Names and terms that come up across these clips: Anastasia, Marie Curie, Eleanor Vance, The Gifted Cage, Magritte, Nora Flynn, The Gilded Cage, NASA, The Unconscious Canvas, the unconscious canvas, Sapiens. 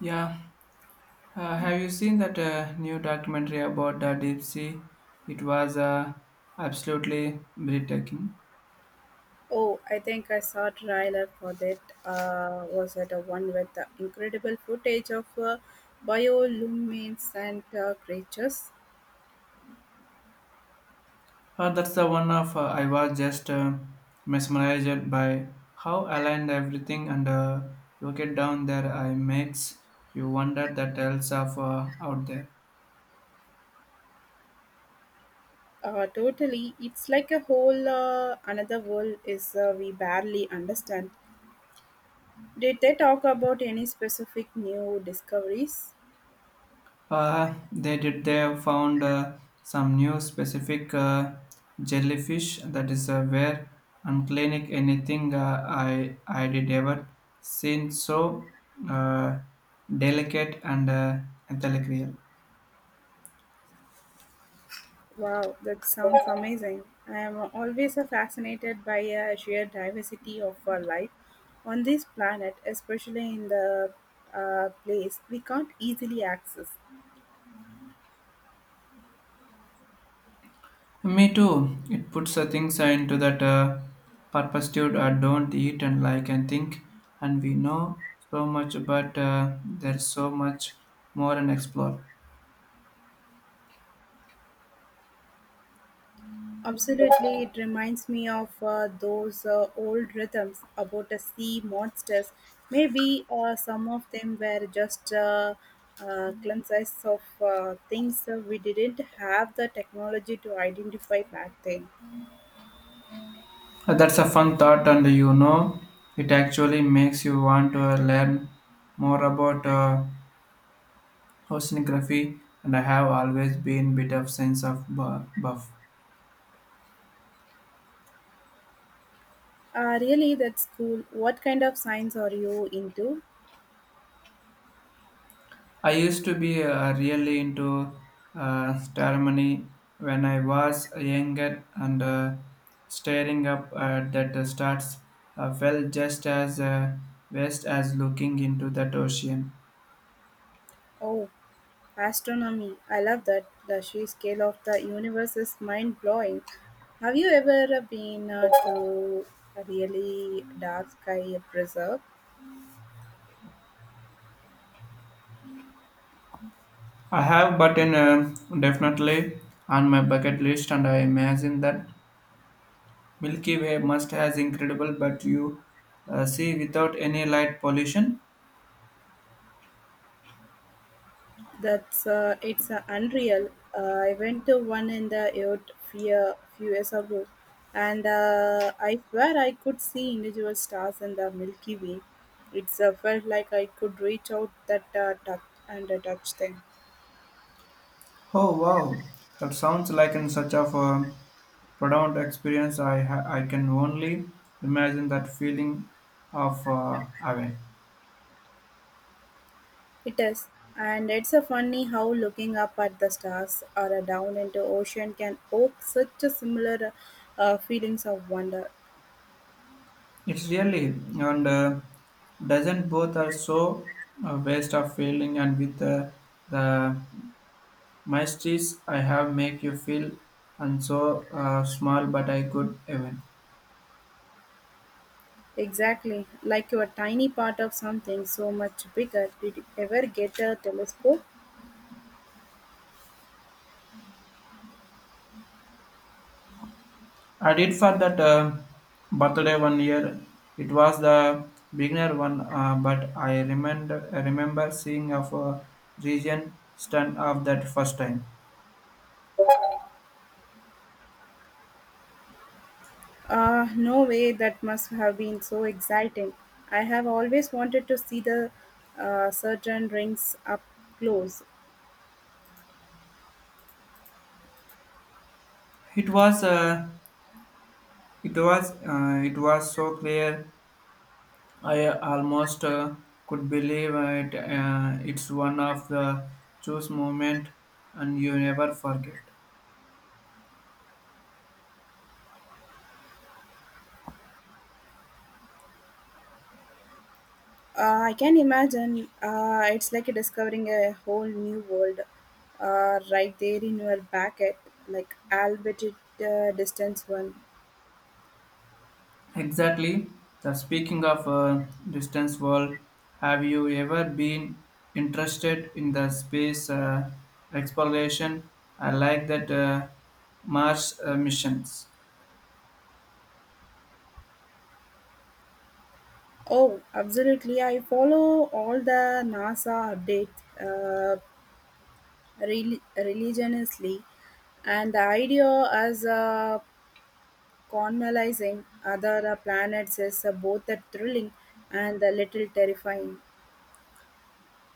Yeah, have you seen that new documentary about the deep sea? It was absolutely breathtaking. Oh, I think I saw a trailer for that. Was it a one with the incredible footage of bioluminescent creatures? That's the one of I was just mesmerized by how aligned everything and rocket down there I makes you wonder the tales of out there. Totally, it's like a whole another world is we barely understand. Did they talk about any specific new discoveries? They did. They found some new specific jellyfish that is where unclinic anything I did ever seen so uh, delicate and intellectual. Wow, that sounds amazing. I am always fascinated by sheer diversity of life on this planet, especially in the place we can't easily access. Me too. It puts things into that perpetuity. Don't eat and like and think. And we know so much, but there's so much more and explore. Absolutely, it reminds me of those old rhythms about the sea monsters. Maybe some of them were just glimpses of things we didn't have the technology to identify back then. That's a fun thought, and it actually makes you want to learn more about oceanography. And I have always been bit of sense of buff. Really, that's cool. What kind of science are you into? I used to be really into ceremony when I was younger, and staring up at that stars felt just as west as looking into that ocean. Oh, astronomy. I love that. The sheer scale of the universe is mind blowing. Have you ever been to a really dark sky preserve? I have, but in definitely on my bucket list, and I imagine that Milky Way must has incredible, but you see without any light pollution. That's it's unreal. I went to one in the Earth few years ago, and I swear I could see individual stars in the Milky Way. It's felt like I could reach out that touch and touch them. Oh wow, that sounds like in such of a profound experience. I can only imagine that feeling of awe. It is, and it's a funny how looking up at the stars or a down into ocean can evoke such a similar feelings of wonder. It's really and doesn't both are so a waste of feeling and with the My streets I have make you feel and so small, but I could even. Exactly, like you're a tiny part of something so much bigger. Did you ever get a telescope? I did for that birthday one year. It was the beginner one, but I remember seeing of a region stand up that first time. No way, that must have been so exciting. I have always wanted to see the certain rings up close. It was it was so clear. I almost could believe it. It's one of the choose moment, and you never forget. I can imagine it's like discovering a whole new world right there in your backet, like albeit it distance one. Exactly. The speaking of distance world, have you ever been interested in the space exploration? I like that Mars missions. Oh, absolutely. I follow all the NASA updates religiously, and the idea as colonizing other planets is both thrilling and a little terrifying.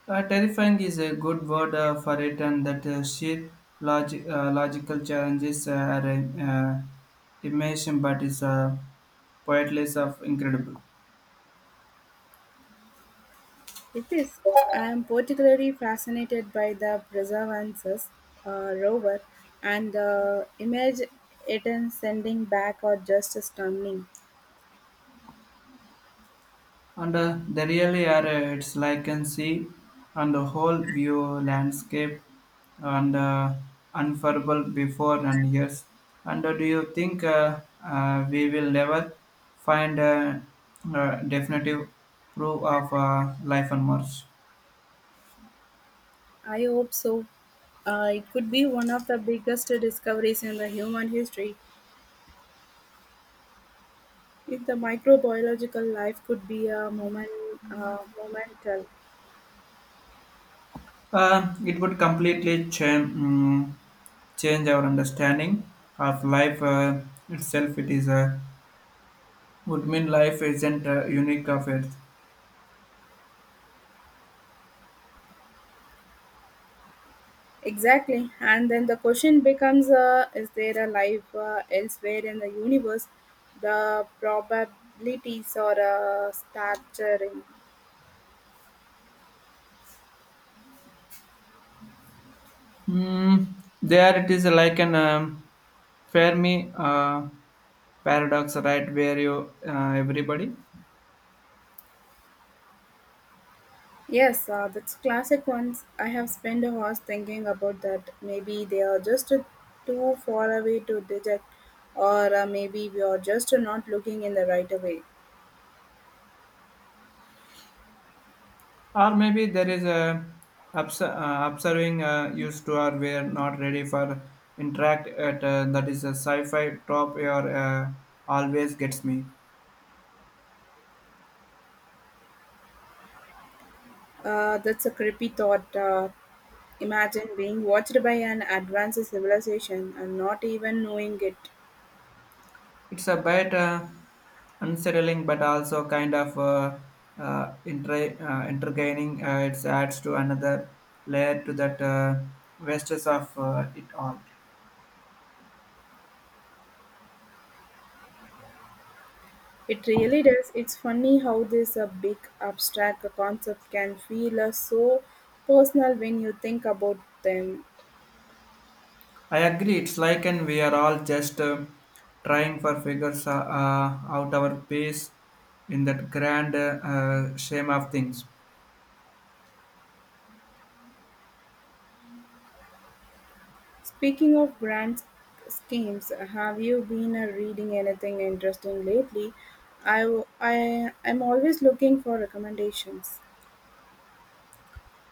Terrifying is a good word for it, and that sheer logical challenges are uh, immersion, but is poetless of incredible. It is. I am particularly fascinated by the Perseverance's rover and the image it is sending back are just stunning. And they really are, it's like can see and the whole view landscape and unfurlable before and years. And do you think we will never find a, definitive proof of life on Mars? I hope so. It could be one of the biggest discoveries in the human history. If the microbiological life could be a moment, momental. It would completely change our understanding of life itself. It is a would mean life isn't unique of it. Exactly. And then the question becomes is there a life elsewhere in the universe? The probabilities are staggering. Mm, there it is like an Fermi paradox, right? Where you everybody, Yes, that's classic ones. I have spent hours thinking about that. Maybe they are just too far away to detect, or maybe we are just not looking in the right way. or maybe there is a observing used to or we're not ready for interact at that is a sci-fi top or always gets me. That's a creepy thought. Imagine being watched by an advanced civilization and not even knowing it. It's a bit unsettling, but also kind of intergaining. It adds to another layer to that vastness of it all. It really does. It's funny how this a big abstract concept can feel so personal when you think about them. I agree. It's like, and we are all just trying for figures out our pace in that grand shame of things. Speaking of grand schemes, have you been reading anything interesting lately? I am always looking for recommendations.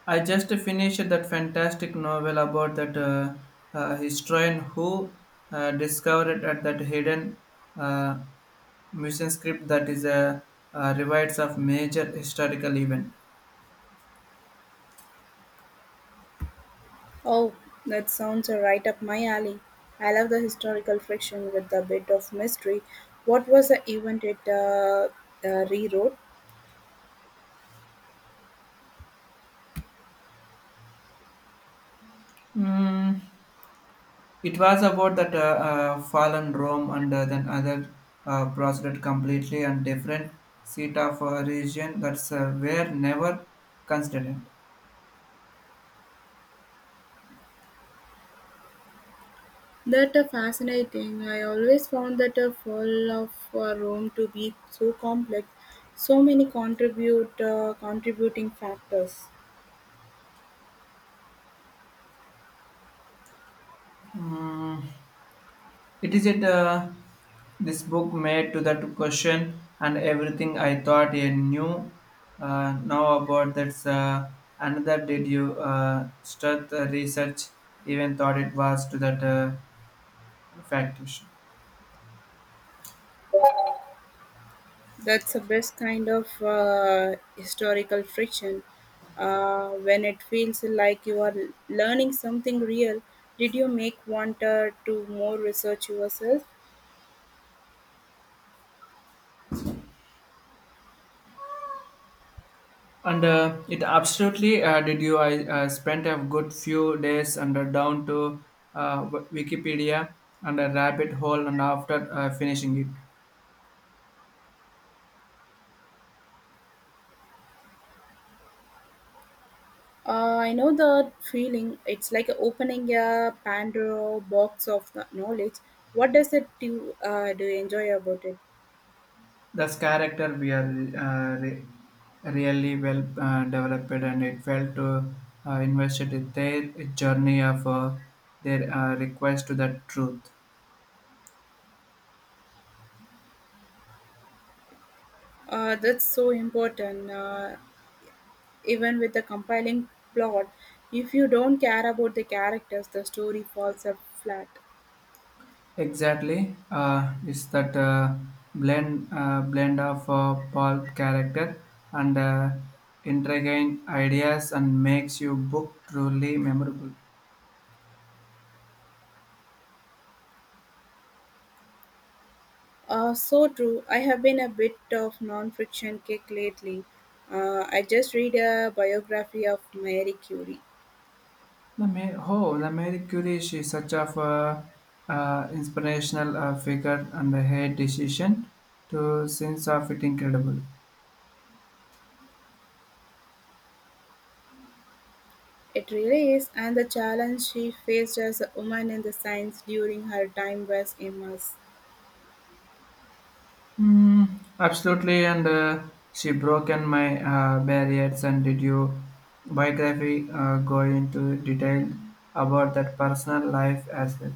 I just finished that fantastic novel about that historian who discovered at that hidden uh, mission script that is a rewrites of major historical event. Oh, that sounds right up my alley. I love the historical fiction with a bit of mystery. What was the event it rewrote? Hmm, it was about that fallen Rome and then other proceeded completely and different seat of a region that's were never considered. That fascinating, I always found that a full of a room to be so complex, so many contribute contributing factors. Mm, it is it this book made to that question and everything I thought I knew now about that's another did you start the research even thought it was to that fact issue. That's the best kind of historical friction when it feels like you are learning something real. Did you make want to more research yourself? And it absolutely did you. I spent a good few days under down to Wikipedia and a rabbit hole, and after finishing it, I know the feeling. It's like opening a Pandora box of the knowledge. What does it do? Do you enjoy about it? this character we are really well developed, and it felt to invested in their journey of their request to the truth. That's so important. Even with the compiling plot, if you don't care about the characters, the story falls up flat. Exactly, it's that blend of pulp character and intriguing ideas and makes your book truly memorable. So true. I have been a bit of non-fiction kick lately. I just read a biography of Marie Curie. The Mary Curie she is such of a inspirational figure and the her decision to sense of it incredible. It really is, and the challenge she faced as a woman in the science during her time was immense. Mm, absolutely, and she broken my barriers. And did you biography go into detail about that personal life as well?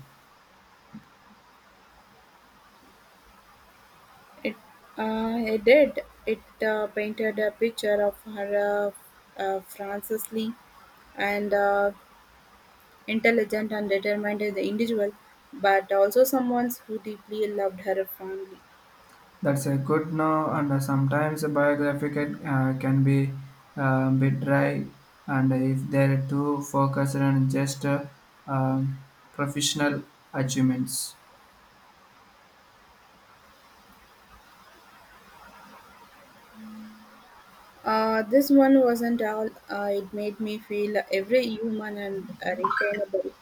It, it did. It painted a picture of her Frances Lee and intelligent and determined as the individual, but also someone who deeply loved her family. That's a good no, and sometimes a biography can be bit dry, and if they're too focused on just um, professional achievements. This one wasn't all. It made me feel every human and retainable,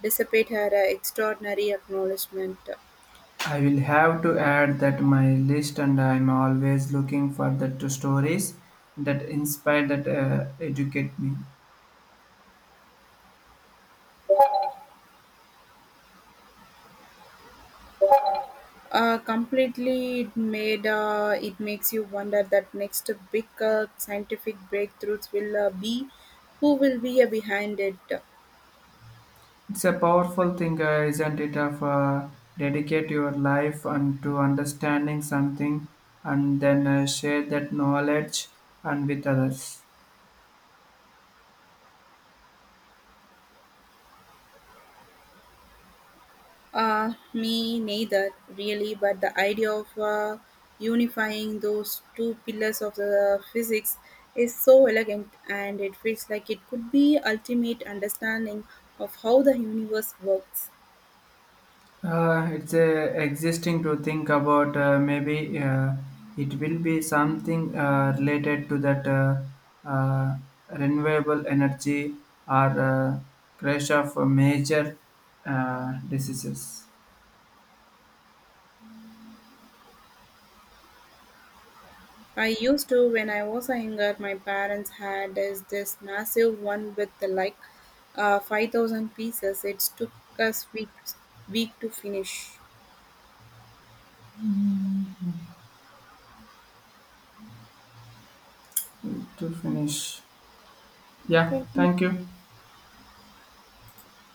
dissipate her extraordinary acknowledgement. I will have to add that my list and I'm always looking for the two stories that inspire that educate me. Completely, it makes you wonder that next big scientific breakthroughs will be who will be behind it. It's a powerful thing, isn't it, of dedicate your life and to understanding something and then share that knowledge and with others. Me neither, really. But the idea of unifying those two pillars of the physics is so elegant, and it feels like it could be ultimate understanding of how the universe works. It's existing to think about. Maybe it will be something related to that uh, renewable energy or crash of major diseases. I used to when I was younger. My parents had is this massive one with the like 5,000 pieces. It took us week to finish. To finish, yeah. Thank you. Thank you.